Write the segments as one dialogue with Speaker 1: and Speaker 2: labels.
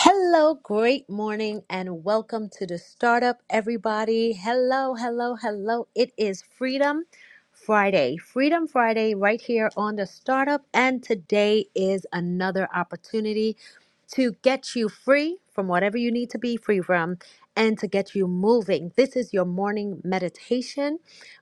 Speaker 1: Hello, great morning, and welcome to the startup, everybody. Hello, hello, hello. It is Freedom Friday, Freedom Friday, right here on the startup. And today is another opportunity to get you free from whatever you need to be free from and to get you moving. This is your morning meditation,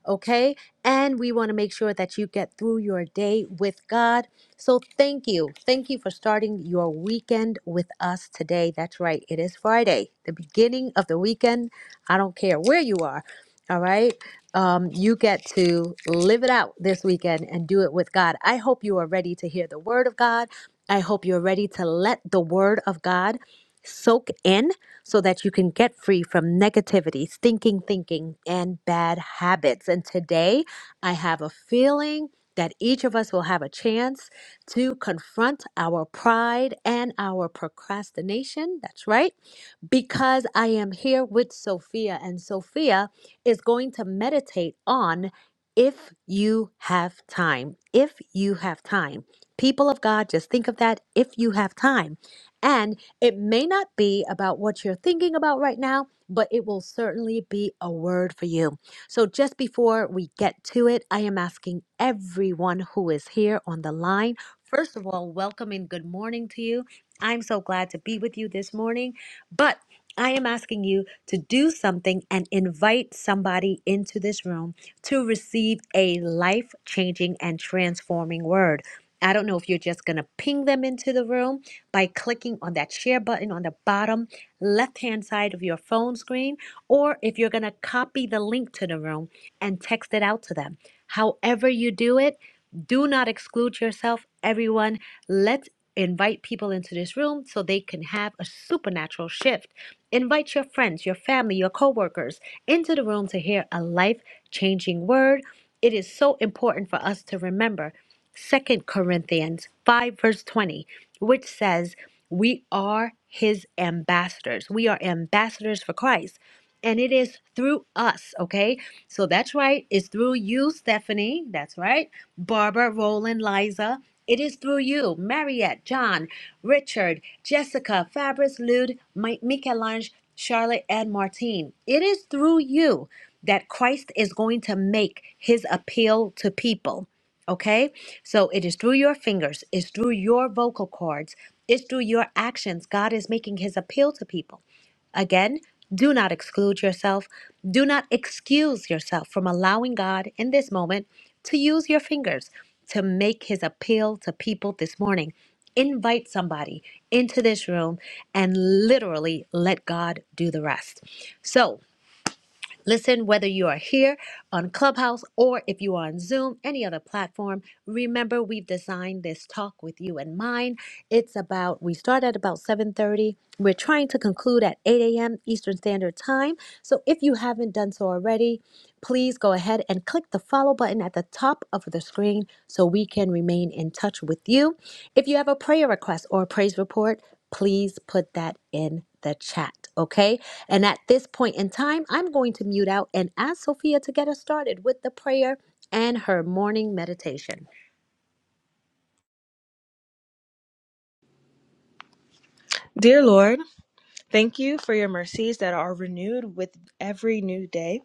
Speaker 1: okay? And we want to make sure that you get through your day with God. So thank you. Thank you for starting your weekend with us today. That's right. It is Friday, the beginning of the weekend. I don't care where you are. All right. Um, you get to live it out this weekend and do it with God. I hope you are ready to hear the word of God. I hope you're ready to let the word of God soak in so that you can get free from negativity, stinking thinking, and bad habits. And today I have a feeling that each of us will have a chance to confront our pride and our procrastination. That's right. Because I am here with Sophia, and Sophia is going to meditate on if you have time. If you have time. People of God, just think of that if you have time. And it may not be about what you're thinking about right now, but it will certainly be a word for you. So, just before we get to it, I am asking everyone who is here on the line, first of all, welcome and good morning to you. I'm so glad to be with you this morning. But I am asking you to do something and invite somebody into this room to receive a life changing and transforming word. I don't know if you're just going to ping them into the room by clicking on that share button on the bottom left hand side of your phone screen, or if you're going to copy the link to the room and text it out to them. However, you do it, do not exclude yourself, everyone. Let's invite people into this room so they can have a supernatural shift. Invite your friends, your family, your coworkers into the room to hear a life changing word. It is so important for us to remember. Second Corinthians 5, verse 20, which says, We are his ambassadors. We are ambassadors for Christ and it is through us, okay? So that's right. It's through you, Stephanie. That's right. Barbara, Roland, Liza. It is through you, Mariette, John, Richard, Jessica, Fabrice, Lude, Mi- Michelange, Charlotte, and Martine. It is through you that Christ is going to make his appeal to people, okay? So it is through your fingers, it's through your vocal cords, it's through your actions. God is making his appeal to people. Again, do not exclude yourself. Do not excuse yourself from allowing God in this moment to use your fingers to make his appeal to people this morning. Invite somebody into this room and literally let God do the rest. So, Listen, whether you are here on Clubhouse or if you are on Zoom, any other platform, remember we've designed this talk with you in mind. It's about we start at about 7:30. We're trying to conclude at 8 a.m. Eastern Standard Time. So if you haven't done so already, please go ahead and click the follow button at the top of the screen so we can remain in touch with you. If you have a prayer request or a praise report, please put that in the chat, okay? And at this point in time, I'm going to mute out and ask Sophia to get us started with the prayer and her morning meditation.
Speaker 2: Dear Lord, thank you for your mercies that are renewed with every new day.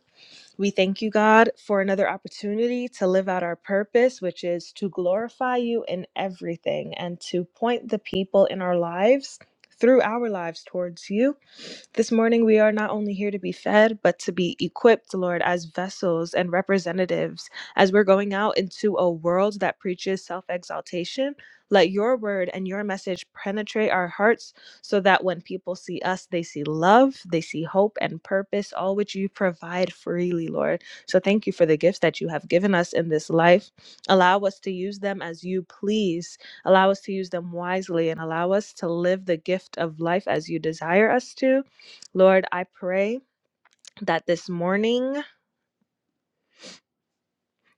Speaker 2: We thank you, God, for another opportunity to live out our purpose, which is to glorify you in everything and to point the people in our lives through our lives towards you. This morning, we are not only here to be fed, but to be equipped, Lord, as vessels and representatives. As we're going out into a world that preaches self exaltation, let your word and your message penetrate our hearts so that when people see us, they see love, they see hope and purpose, all which you provide freely, Lord. So thank you for the gifts that you have given us in this life. Allow us to use them as you please, allow us to use them wisely, and allow us to live the gift of life as you desire us to. Lord, I pray. That this morning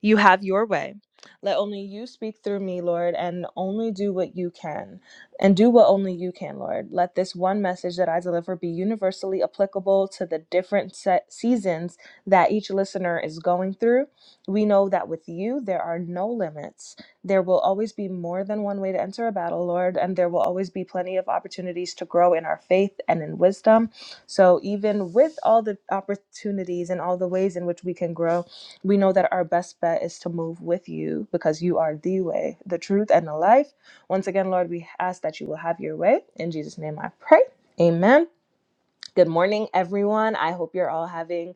Speaker 2: You have your way. Let only you speak through me, Lord, and only do what you can. And do what only you can, Lord. Let this one message that I deliver be universally applicable to the different set seasons that each listener is going through. We know that with you, there are no limits. There will always be more than one way to enter a battle, Lord, and there will always be plenty of opportunities to grow in our faith and in wisdom. So, even with all the opportunities and all the ways in which we can grow, we know that our best bet is to move with you because you are the way, the truth, and the life. Once again, Lord, we ask that you will have your way. In Jesus' name I pray. Amen. Good morning, everyone. I hope you're all having,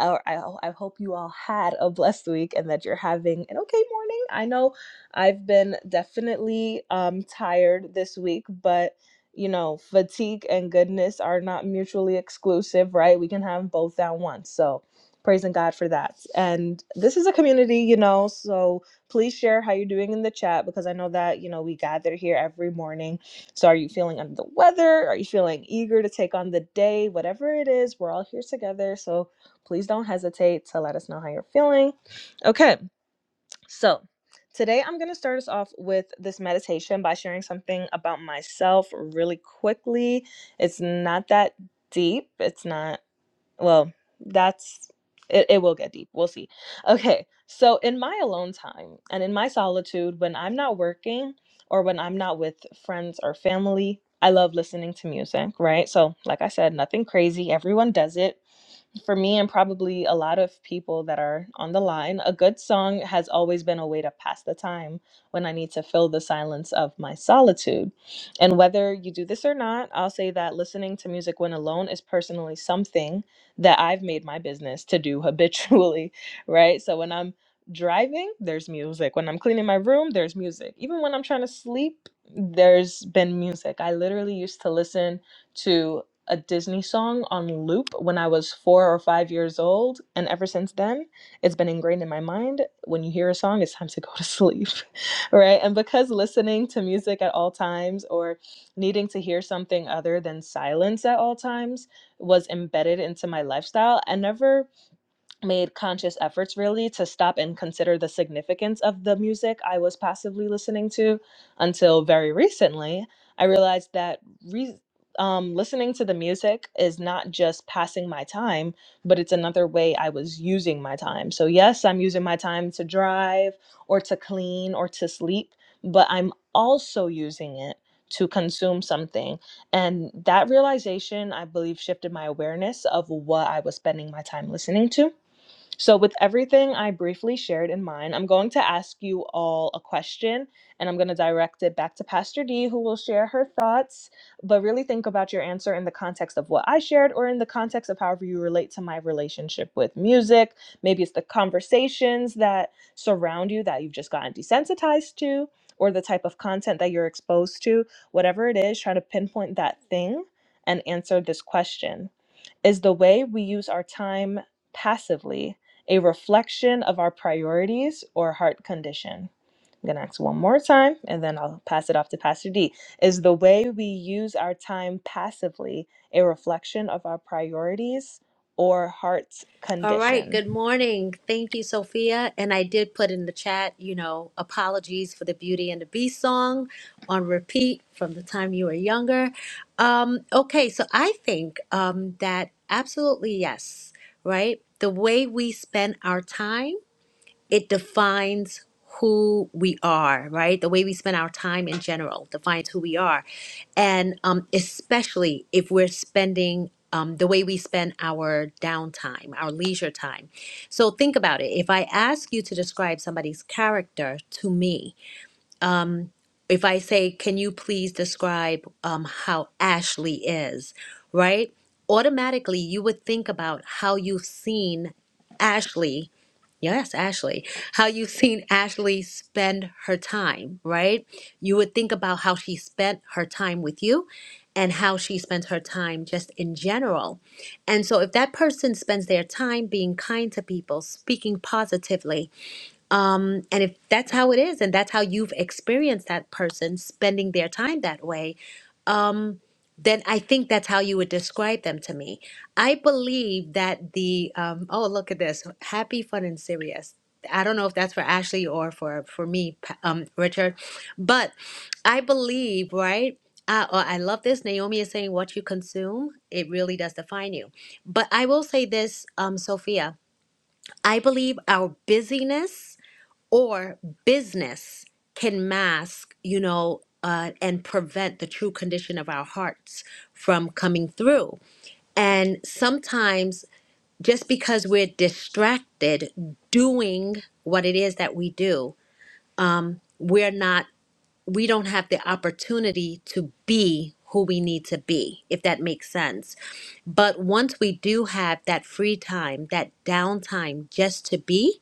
Speaker 2: or I, ho- I hope you all had a blessed week and that you're having an okay morning. I know I've been definitely um, tired this week, but you know, fatigue and goodness are not mutually exclusive, right? We can have both down once. So, praising God for that. And this is a community, you know, so please share how you're doing in the chat because I know that, you know, we gather here every morning so, are you feeling under the weather? Are you feeling eager to take on the day? Whatever it is, we're all here together. So, please don't hesitate to let us know how you're feeling. Okay, so today I'm going to start us off with this meditation by sharing something about myself really quickly. It's not that deep, it's not well that's it, it will get deep we'll see okay so in my alone time and in my solitude when i'm not working or when i'm not with friends or family i love listening to music right so like i said nothing crazy everyone does it for me and probably a lot of people that are on the line, a good song has always been a way to pass the time when I need to fill the silence of my solitude. And whether you do this or not, I'll say that listening to music when alone is personally something that I've made my business to do habitually, right? So when I'm driving, there's music. When I'm cleaning my room, there's music. Even when I'm trying to sleep, there's been music. I literally used to listen to a Disney song on loop when I was four or five years old. And ever since then, it's been ingrained in my mind. When you hear a song, it's time to go to sleep, right? And because listening to music at all times or needing to hear something other than silence at all times was embedded into my lifestyle, I never made conscious efforts really to stop and consider the significance of the music I was passively listening to until very recently. I realized that re- um, listening to the music is not just passing my time, but it's another way I was using my time. So, yes, I'm using my time to drive or to clean or to sleep, but I'm also using it to consume something. And that realization, I believe, shifted my awareness of what I was spending my time listening to so, with everything I briefly shared in mind, I'm going to ask you all a question and I'm going to direct it back to Pastor D, who will share her thoughts. But really think about your answer in the context of what I shared or in the context of however you relate to my relationship with music. Maybe it's the conversations that surround you that you've just gotten desensitized to, or the type of content that you're exposed to. Whatever it is, try to pinpoint that thing and answer this question. Is the way we use our time passively a reflection of our priorities or heart condition? I'm going to ask one more time and then I'll pass it off to Pastor D. Is the way we use our time passively a reflection of our priorities or heart's
Speaker 1: All right,
Speaker 2: condition?
Speaker 1: good morning. Thank you, Sophia. And I did put in the chat, you know, apologies for the Beauty and the Beast song on repeat from the time you were younger. Um, okay, so I think um, that absolutely yes, right? The way we spend our time it defines who we are, right? The way we spend our time in general defines who we are. And um, especially if we're spending um, the way we spend our downtime, our leisure time. So think about it. If I ask you to describe somebody's character to me, if I say, can you please describe um, how Ashley is, right? Automatically, you would think about how you've seen Ashley. Yes, Ashley. How you've seen Ashley spend her time, right? You would think about how she spent her time with you and how she spent her time just in general. And so, if that person spends their time being kind to people, speaking positively, um, and if that's how it is, and that's how you've experienced that person spending their time that way, um, then I think that's how you would describe them to me. I believe that the um, oh look at this happy, fun, and serious. I don't know if that's for Ashley or for for me, Pa- um, Richard, but I believe right. Uh, oh, I love this. Naomi is saying what you consume, it really does define you. But I will say this, um, Sophia, I believe our busyness or business can mask, you know, uh, and prevent the true condition of our hearts from coming through. And sometimes, just because we're distracted doing what it is that we do, we're not, we don't have the opportunity to be who we need to be, if that makes sense. But once we do have that free time, that downtime just to be,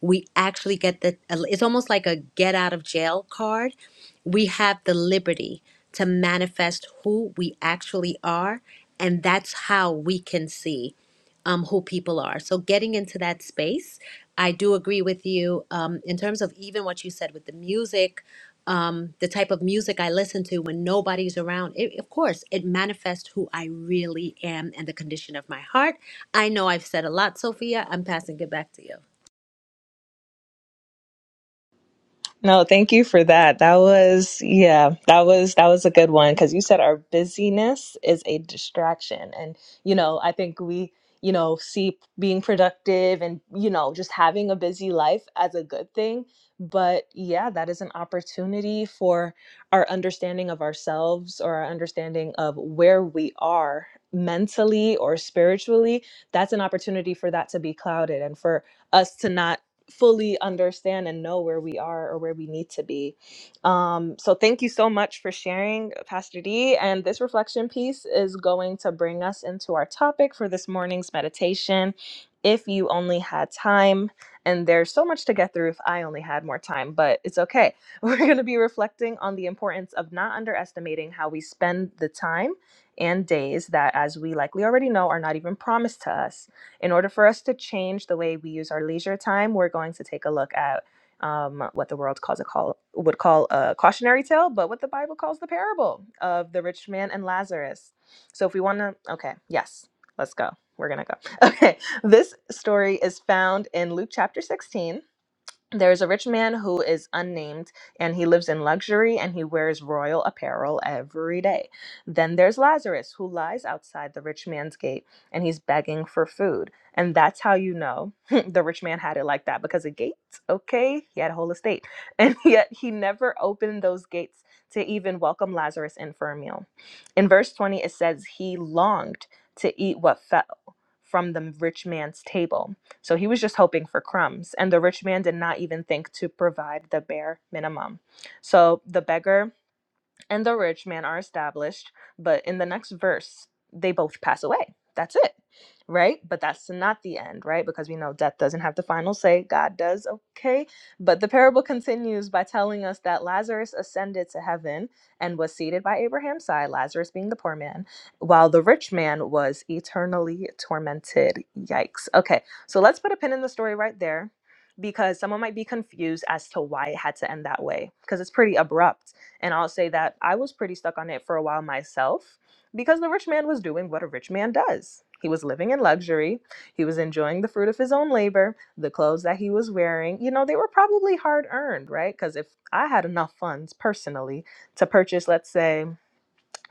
Speaker 1: we actually get the, it's almost like a get out of jail card. We have the liberty to manifest who we actually are. And that's how we can see um, who people are. So getting into that space, I do agree with you um, in terms of even what you said with the music, um, the type of music I listen to when nobody's around. It, of course, it manifests who I really am and the condition of my heart. I know I've said a lot, Sophia. I'm passing it back to you.
Speaker 2: No, thank you for that. That was, yeah, that was that was a good one because you said our busyness is a distraction. And you know, I think we, you know, see being productive and, you know, just having a busy life as a good thing. But yeah, that is an opportunity for our understanding of ourselves or our understanding of where we are mentally or spiritually. That's an opportunity for that to be clouded and for us to not fully understand and know where we are or where we need to be. Um, so, thank you so much for sharing, Pastor D. And this reflection piece is going to bring us into our topic for this morning's meditation. If you only had time, and there's so much to get through if I only had more time, but it's okay. We're going to be reflecting on the importance of not underestimating how we spend the time and days that, as we likely already know, are not even promised to us. In order for us to change the way we use our leisure time, we're going to take a look at um, what the world calls a call would call a cautionary tale, but what the Bible calls the parable of the rich man and Lazarus. So if we want to, okay, yes, let's go. We're gonna go. Okay, this story is found in Luke chapter 16 there is a rich man who is unnamed, and he lives in luxury and he wears royal apparel every day. Then there's Lazarus, who lies outside the rich man's gate and he's begging for food. And that's how you know the rich man had it like that because a gate, okay? He had a whole estate. And yet he never opened those gates to even welcome Lazarus in for a meal. In verse 20, it says he longed to eat what fell from the rich man's table so he was just hoping for crumbs. And the rich man did not even think to provide the bare minimum. So the beggar and the rich man are established, but in the next verse, they both pass away. That's it, right? But that's not the end, right? Because we know death doesn't have the final say, God does, okay? But the parable continues by telling us that Lazarus ascended to heaven and was seated by Abraham's side, Lazarus being the poor man, while the rich man was eternally tormented. Yikes. Okay, so let's put a pin in the story right there because someone might be confused as to why it had to end that way because it's pretty abrupt and I'll say that I was pretty stuck on it for a while myself because the rich man was doing what a rich man does. He was living in luxury. He was enjoying the fruit of his own labor. The clothes that he was wearing, you know, they were probably hard earned, right? Because if I had enough funds personally to purchase, let's say,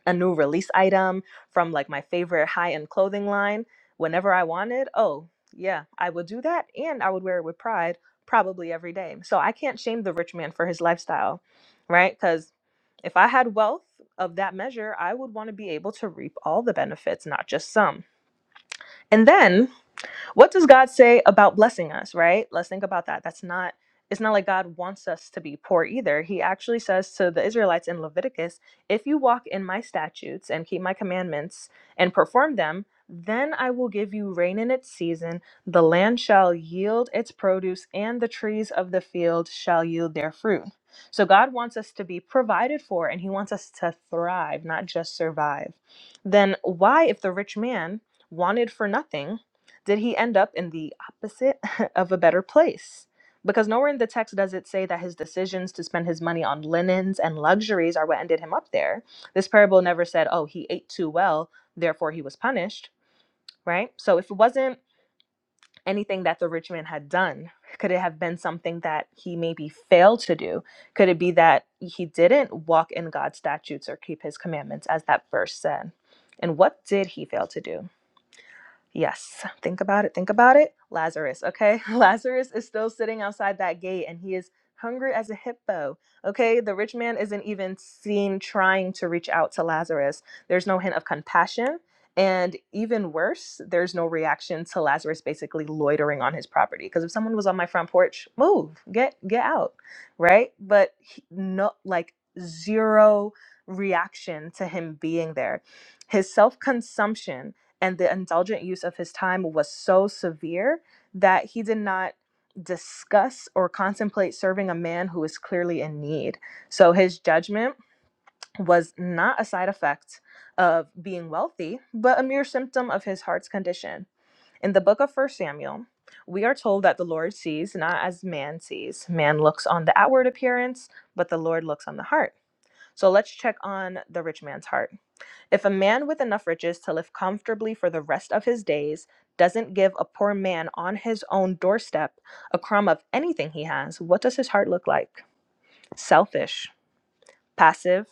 Speaker 2: a new release item from like my favorite high-end clothing line whenever I wanted, oh, yeah, I would do that and I would wear it with pride probably every day. So I can't shame the rich man for his lifestyle, right? Cuz if I had wealth of that measure, I would want to be able to reap all the benefits, not just some. And then what does God say about blessing us, right? Let's think about that. That's not it's not like God wants us to be poor either. He actually says to the Israelites in Leviticus, if you walk in my statutes and keep my commandments and perform them, then I will give you rain in its season, the land shall yield its produce, and the trees of the field shall yield their fruit. So God wants us to be provided for and he wants us to thrive, not just survive. Then why if the rich man wanted for nothing did he end up in the opposite of a better place? Because nowhere in the text does it say that his decisions to spend his money on linens and luxuries are what ended him up there. This parable never said, oh, he ate too well, therefore he was punished, right? So if it wasn't anything that the rich man had done, could it have been something that he maybe failed to do? Could it be that he didn't walk in God's statutes or keep his commandments, as that verse said? And what did he fail to do? Yes, think about it. Think about it. Lazarus, okay? Lazarus is still sitting outside that gate and he is hungry as a hippo, okay? The rich man isn't even seen trying to reach out to Lazarus. There's no hint of compassion. And even worse, there's no reaction to Lazarus basically loitering on his property. Because if someone was on my front porch, move, get get out, right? But he, no, like zero reaction to him being there. His self consumption and the indulgent use of his time was so severe that he did not discuss or contemplate serving a man who is clearly in need. So his judgment was not a side effect of being wealthy, but a mere symptom of his heart's condition. In the book of First Samuel, we are told that the Lord sees not as man sees. Man looks on the outward appearance, but the Lord looks on the heart. So let's check on the rich man's heart. If a man with enough riches to live comfortably for the rest of his days doesn't give a poor man on his own doorstep a crumb of anything he has, what does his heart look like? Selfish, passive,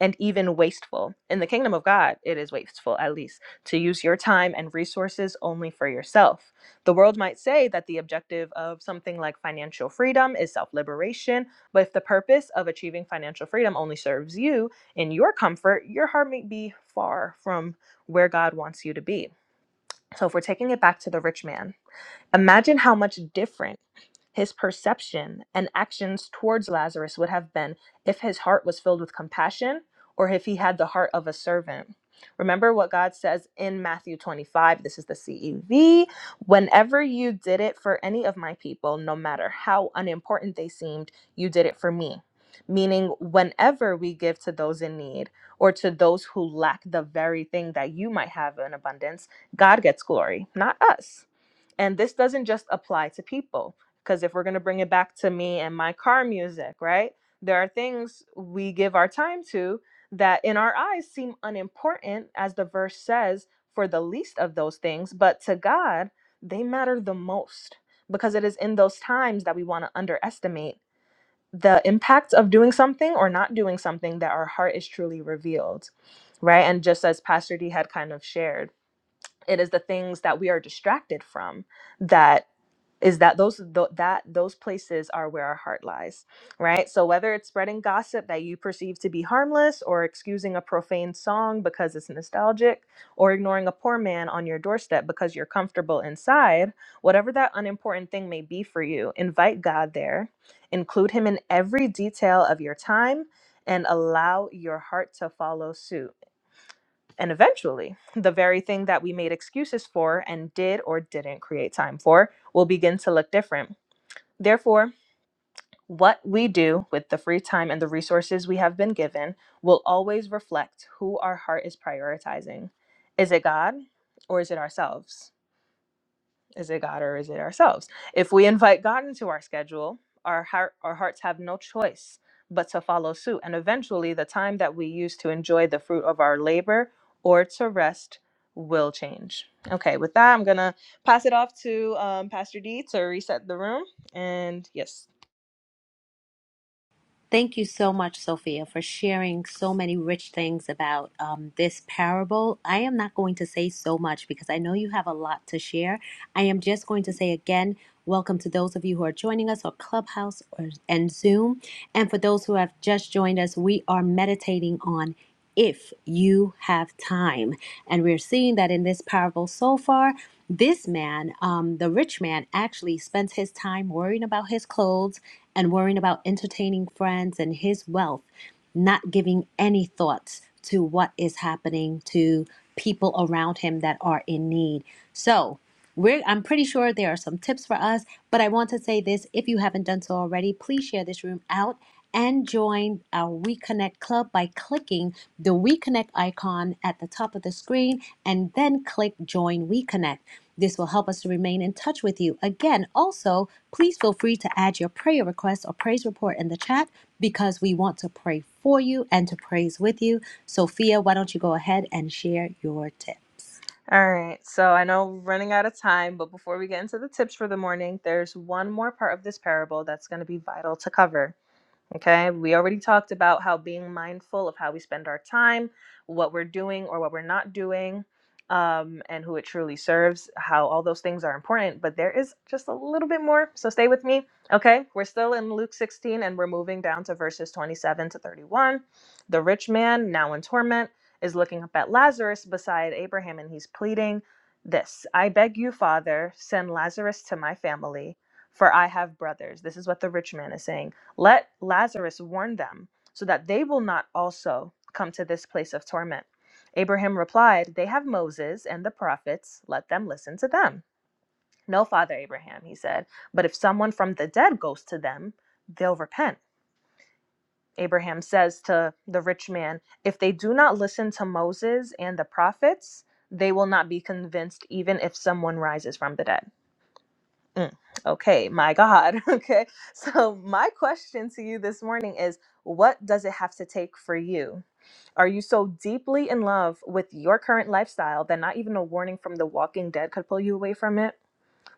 Speaker 2: and even wasteful. In the kingdom of God, it is wasteful, at least, to use your time and resources only for yourself. The world might say that the objective of something like financial freedom is self liberation, but if the purpose of achieving financial freedom only serves you in your comfort, your heart may be far from where God wants you to be. So, if we're taking it back to the rich man, Imagine how much different his perception and actions towards Lazarus would have been if his heart was filled with compassion or if he had the heart of a servant. Remember what God says in Matthew 25, this is the CEV. Whenever you did it for any of my people, no matter how unimportant they seemed, you did it for me. Meaning, whenever we give to those in need or to those who lack the very thing that you might have in abundance, God gets glory, not us. And this doesn't just apply to people, because if we're going to bring it back to me and my car music, right? There are things we give our time to that in our eyes seem unimportant, as the verse says, for the least of those things, but to God, they matter the most because it is in those times that we want to underestimate the impact of doing something or not doing something that our heart is truly revealed, right? And just as Pastor D had kind of shared, it is the things that we are distracted from that is that those th- that those places are where our heart lies right so whether it's spreading gossip that you perceive to be harmless or excusing a profane song because it's nostalgic or ignoring a poor man on your doorstep because you're comfortable inside whatever that unimportant thing may be for you invite god there include him in every detail of your time and allow your heart to follow suit and eventually, the very thing that we made excuses for and did or didn't create time for will begin to look different. Therefore, what we do with the free time and the resources we have been given will always reflect who our heart is prioritizing. Is it God or is it ourselves? Is it God or is it ourselves? If we invite God into our schedule, our heart, our hearts have no choice but to follow suit, and eventually, the time that we use to enjoy the fruit of our labor or to rest will change. Okay, with that, I'm gonna pass it off to um, Pastor D to reset the room. And yes.
Speaker 1: Thank you so much, Sophia, for sharing so many rich things about um, this parable. I am not going to say so much because I know you have a lot to share. I am just going to say again, welcome to those of you who are joining us on Clubhouse or, and Zoom. And for those who have just joined us, we are meditating on if you have time. And we're seeing that in this parable so far. This man, um, the rich man, actually spends his time worrying about his clothes and worrying about entertaining friends and his wealth, not giving any thoughts to what is happening to people around him that are in need. So, we're, I'm pretty sure there are some tips for us, but I want to say this if you haven't done so already, please share this room out and join our WeConnect Club by clicking the WeConnect icon at the top of the screen and then click Join WeConnect. This will help us to remain in touch with you. Again, also, please feel free to add your prayer request or praise report in the chat because we want to pray for you and to praise with you. Sophia, why don't you go ahead and share your tip?
Speaker 2: All right, so I know we're running out of time, but before we get into the tips for the morning, there's one more part of this parable that's going to be vital to cover. Okay, we already talked about how being mindful of how we spend our time, what we're doing or what we're not doing, um, and who it truly serves, how all those things are important, but there is just a little bit more. So stay with me. Okay, we're still in Luke 16 and we're moving down to verses 27 to 31. The rich man, now in torment, is looking up at Lazarus beside Abraham and he's pleading this I beg you, Father, send Lazarus to my family, for I have brothers. This is what the rich man is saying. Let Lazarus warn them, so that they will not also come to this place of torment. Abraham replied, They have Moses and the prophets. Let them listen to them. No, Father Abraham, he said, but if someone from the dead goes to them, they'll repent. Abraham says to the rich man, If they do not listen to Moses and the prophets, they will not be convinced even if someone rises from the dead. Mm, okay, my God. Okay. So, my question to you this morning is what does it have to take for you? Are you so deeply in love with your current lifestyle that not even a warning from the walking dead could pull you away from it?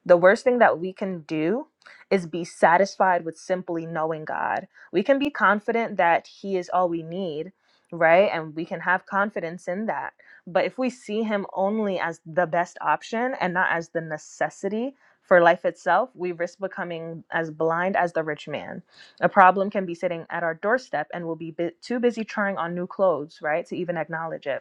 Speaker 2: The worst thing that we can do is be satisfied with simply knowing God. We can be confident that He is all we need, right? And we can have confidence in that. But if we see Him only as the best option and not as the necessity for life itself, we risk becoming as blind as the rich man. A problem can be sitting at our doorstep and we'll be bu- too busy trying on new clothes, right, to even acknowledge it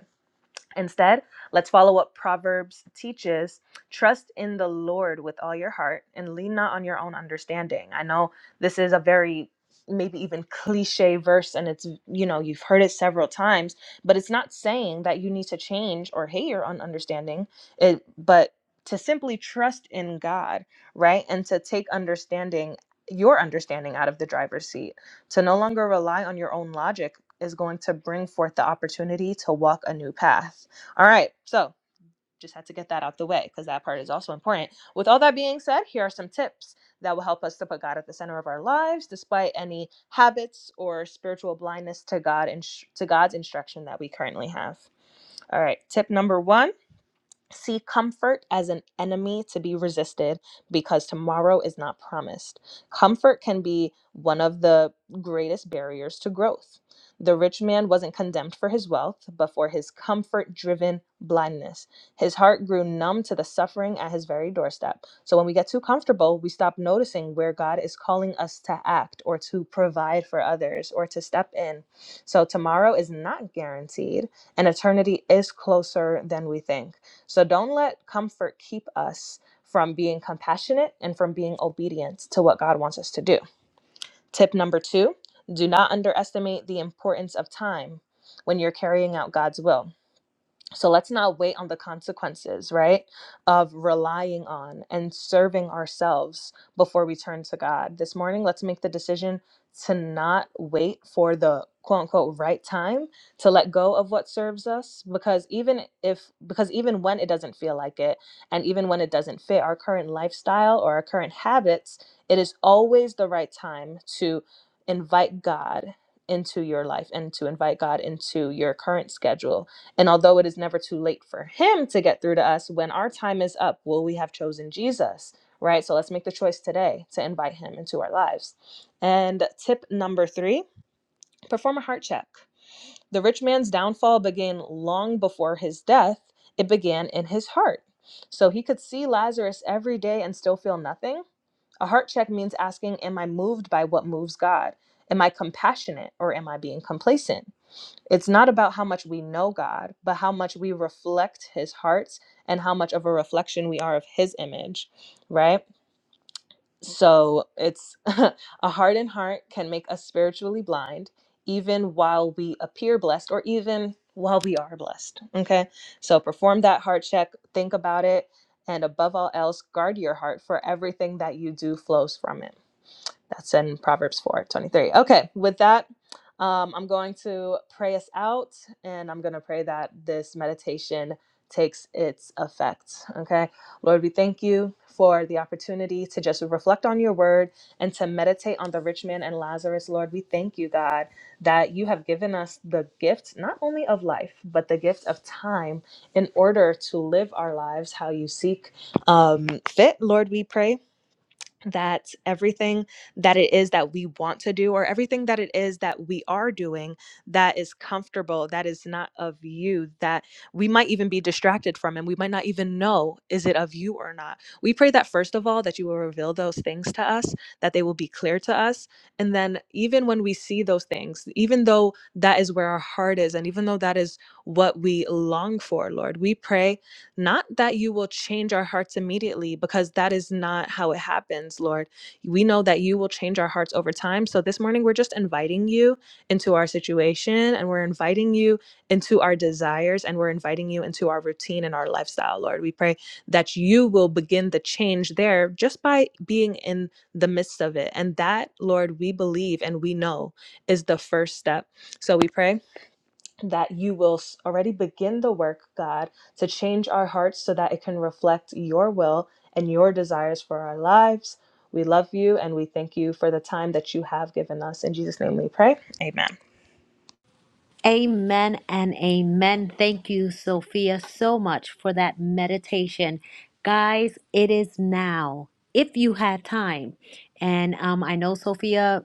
Speaker 2: Instead, let's follow what Proverbs teaches. Trust in the Lord with all your heart and lean not on your own understanding. I know this is a very maybe even cliche verse and it's you know you've heard it several times but it's not saying that you need to change or hate your own understanding it but to simply trust in god right and to take understanding your understanding out of the driver's seat to no longer rely on your own logic is going to bring forth the opportunity to walk a new path all right, so just had to get that out the way because that part is also important. With all that being said, here are some tips that will help us to put God at the center of our lives, despite any habits or spiritual blindness to God and to God's instruction that we currently have. All right, tip number one See comfort as an enemy to be resisted because tomorrow is not promised. Comfort can be one of the greatest barriers to growth. The rich man wasn't condemned for his wealth, but for his comfort driven blindness. His heart grew numb to the suffering at his very doorstep. So when we get too comfortable, we stop noticing where God is calling us to act or to provide for others or to step in. So tomorrow is not guaranteed, and eternity is closer than we think. So don't let comfort keep us from being compassionate and from being obedient to what God wants us to do. Tip number two do not underestimate the importance of time when you're carrying out God's will. So let's not wait on the consequences, right? Of relying on and serving ourselves before we turn to God. This morning, let's make the decision to not wait for the quote unquote right time to let go of what serves us because even if because even when it doesn't feel like it and even when it doesn't fit our current lifestyle or our current habits, it is always the right time to invite God into your life and to invite God into your current schedule and although it is never too late for him to get through to us, when our time is up, will we have chosen Jesus? Right? So let's make the choice today to invite him into our lives. And tip number three perform a heart check. The rich man's downfall began long before his death, it began in his heart. So he could see Lazarus every day and still feel nothing. A heart check means asking, Am I moved by what moves God? Am I compassionate or am I being complacent? It's not about how much we know God, but how much we reflect his heart and how much of a reflection we are of his image, right? So it's a hardened heart can make us spiritually blind, even while we appear blessed or even while we are blessed. Okay. So perform that heart check, think about it, and above all else, guard your heart, for everything that you do flows from it. That's in Proverbs four twenty three. Okay, with that, um, I'm going to pray us out and I'm going to pray that this meditation takes its effect. Okay, Lord, we thank you for the opportunity to just reflect on your word and to meditate on the rich man and Lazarus. Lord, we thank you, God, that you have given us the gift not only of life, but the gift of time in order to live our lives how you seek um, fit. Lord, we pray that everything that it is that we want to do or everything that it is that we are doing that is comfortable that is not of you that we might even be distracted from and we might not even know is it of you or not we pray that first of all that you will reveal those things to us that they will be clear to us and then even when we see those things even though that is where our heart is and even though that is what we long for lord we pray not that you will change our hearts immediately, because that is not how it happens, Lord. We know that you will change our hearts over time. So this morning, we're just inviting you into our situation and we're inviting you into our desires and we're inviting you into our routine and our lifestyle, Lord. We pray that you will begin the change there just by being in the midst of it. And that, Lord, we believe and we know is the first step. So we pray that you will already begin the work, God, to change our hearts so that it can reflect your will and your desires for our lives. We love you and we thank you for the time that you have given us. In Jesus' name we pray. Amen.
Speaker 1: Amen and amen. Thank you, Sophia, so much for that meditation. Guys, it is now, if you had time. And um, I know Sophia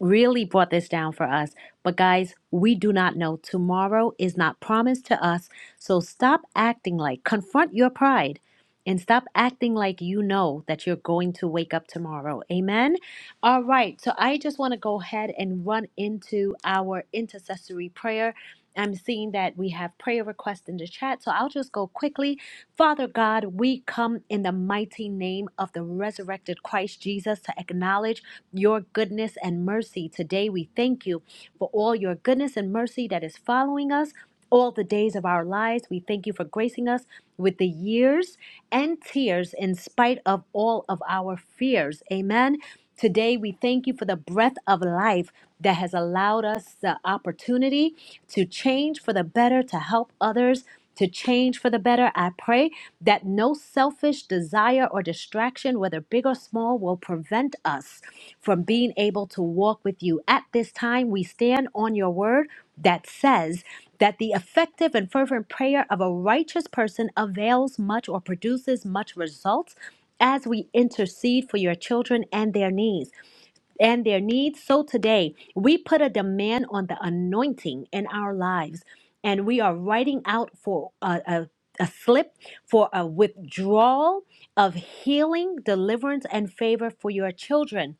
Speaker 1: really brought this down for us, but guys, we do not know. Tomorrow is not promised to us. So stop acting like, confront your pride. And stop acting like you know that you're going to wake up tomorrow. Amen. All right. So I just want to go ahead and run into our intercessory prayer. I'm seeing that we have prayer requests in the chat. So I'll just go quickly. Father God, we come in the mighty name of the resurrected Christ Jesus to acknowledge your goodness and mercy. Today we thank you for all your goodness and mercy that is following us. All the days of our lives, we thank you for gracing us with the years and tears in spite of all of our fears. Amen. Today, we thank you for the breath of life that has allowed us the opportunity to change for the better, to help others. To change for the better, I pray that no selfish desire or distraction, whether big or small, will prevent us from being able to walk with you. At this time, we stand on your word that says that the effective and fervent prayer of a righteous person avails much or produces much results as we intercede for your children and their needs and their needs. So today, we put a demand on the anointing in our lives, and we are writing out for a, a, a slip for a withdrawal of healing, deliverance, and favor for your children.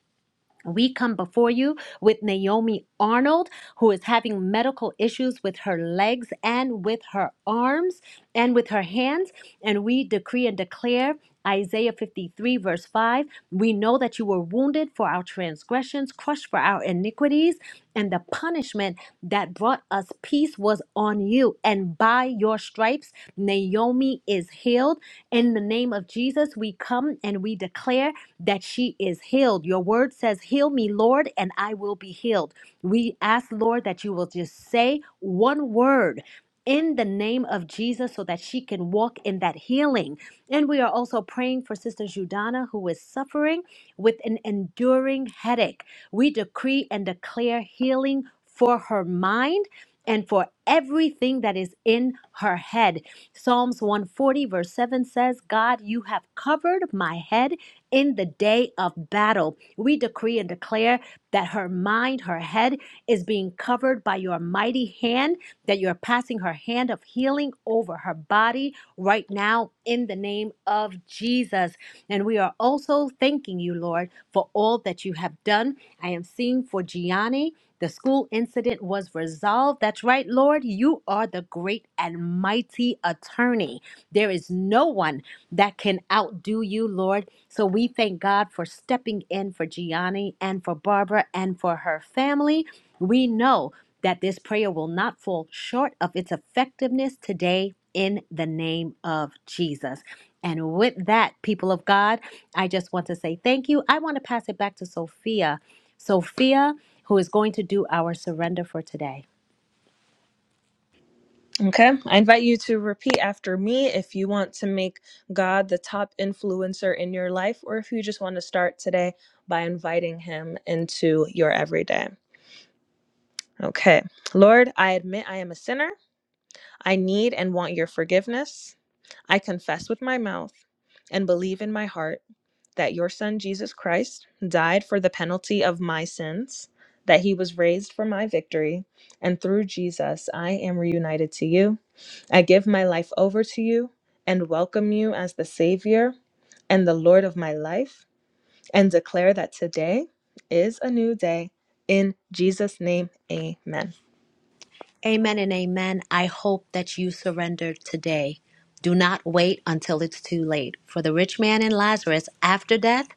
Speaker 1: We come before you with Naomi Arnold, who is having medical issues with her legs and with her arms and with her hands. And we decree and declare Isaiah 53, verse 5 We know that you were wounded for our transgressions, crushed for our iniquities, and the punishment that brought us peace peace was on you. And by your stripes, Naomi is healed. In the name of Jesus, we come and we declare that she is healed. Your word says, Heal me, Lord, and I will be healed. We ask, Lord, that you will just say one word. In the name of Jesus, so that she can walk in that healing. And we are also praying for Sister Judana, who is suffering with an enduring headache. We decree and declare healing for her mind and for everything that is in her head. Psalms 140, verse 7 says, God, you have covered my head in the day of battle. We decree and declare that her mind, her head is being covered by your mighty hand, that you're passing her hand of healing over her body right now in the name of Jesus. And we are also thanking you, Lord, for all that you have done. I am seeing for Gianni. The school incident was resolved. That's right, Lord. You are the great and mighty attorney. There is no one that can outdo you, Lord. So we thank God for stepping in for Gianni and for Barbara and for her family. We know that this prayer will not fall short of its effectiveness today in the name of Jesus. And with that, people of God, I just want to say thank you. I want to pass it back to Sophia. Sophia, who is going to do our surrender for today.
Speaker 2: Okay. I invite you to repeat after me if you want to make God the top influencer in your life or if you just want to start today by inviting him into your everyday. Okay. Lord, I admit I am a sinner. I need and want your forgiveness. I confess with my mouth and believe in my heart that your Son, Jesus Christ, died for the penalty of my sins, that he was raised for my victory, and through Jesus I am reunited to you. I give my life over to you and welcome you as the Savior and the Lord of my life, and declare that today is a new day. In Jesus' name, amen.
Speaker 1: Amen and amen. I hope that you surrender today. Do not wait until it's too late. For the rich man and Lazarus, after death,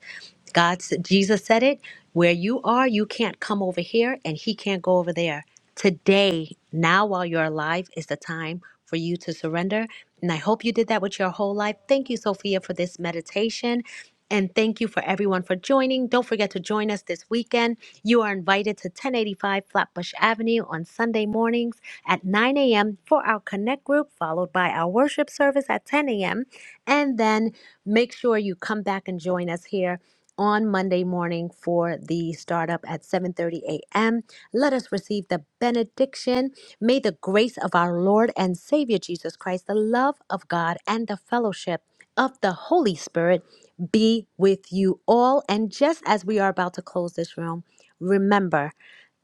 Speaker 1: God, s- Jesus said it. Where you are, you can't come over here, and he can't go over there. Today, now while you're alive, is the time for you to surrender. And I hope you did that with your whole life. Thank you, Sophia, for this meditation. And thank you for everyone for joining. Don't forget to join us this weekend. You are invited to 1085 Flatbush Avenue on Sunday mornings at 9 a.m. for our Connect group, followed by our worship service at 10 a.m. And then make sure you come back and join us here on Monday morning for the startup at 7:30 a.m. Let us receive the benediction. May the grace of our Lord and Savior Jesus Christ, the love of God, and the fellowship of the Holy Spirit be with you all. And just as we are about to close this room, remember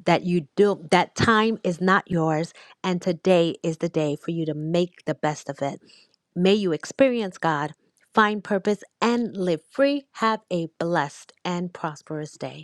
Speaker 1: that you do that time is not yours and today is the day for you to make the best of it. May you experience God, find purpose, and live free. Have a blessed and prosperous day.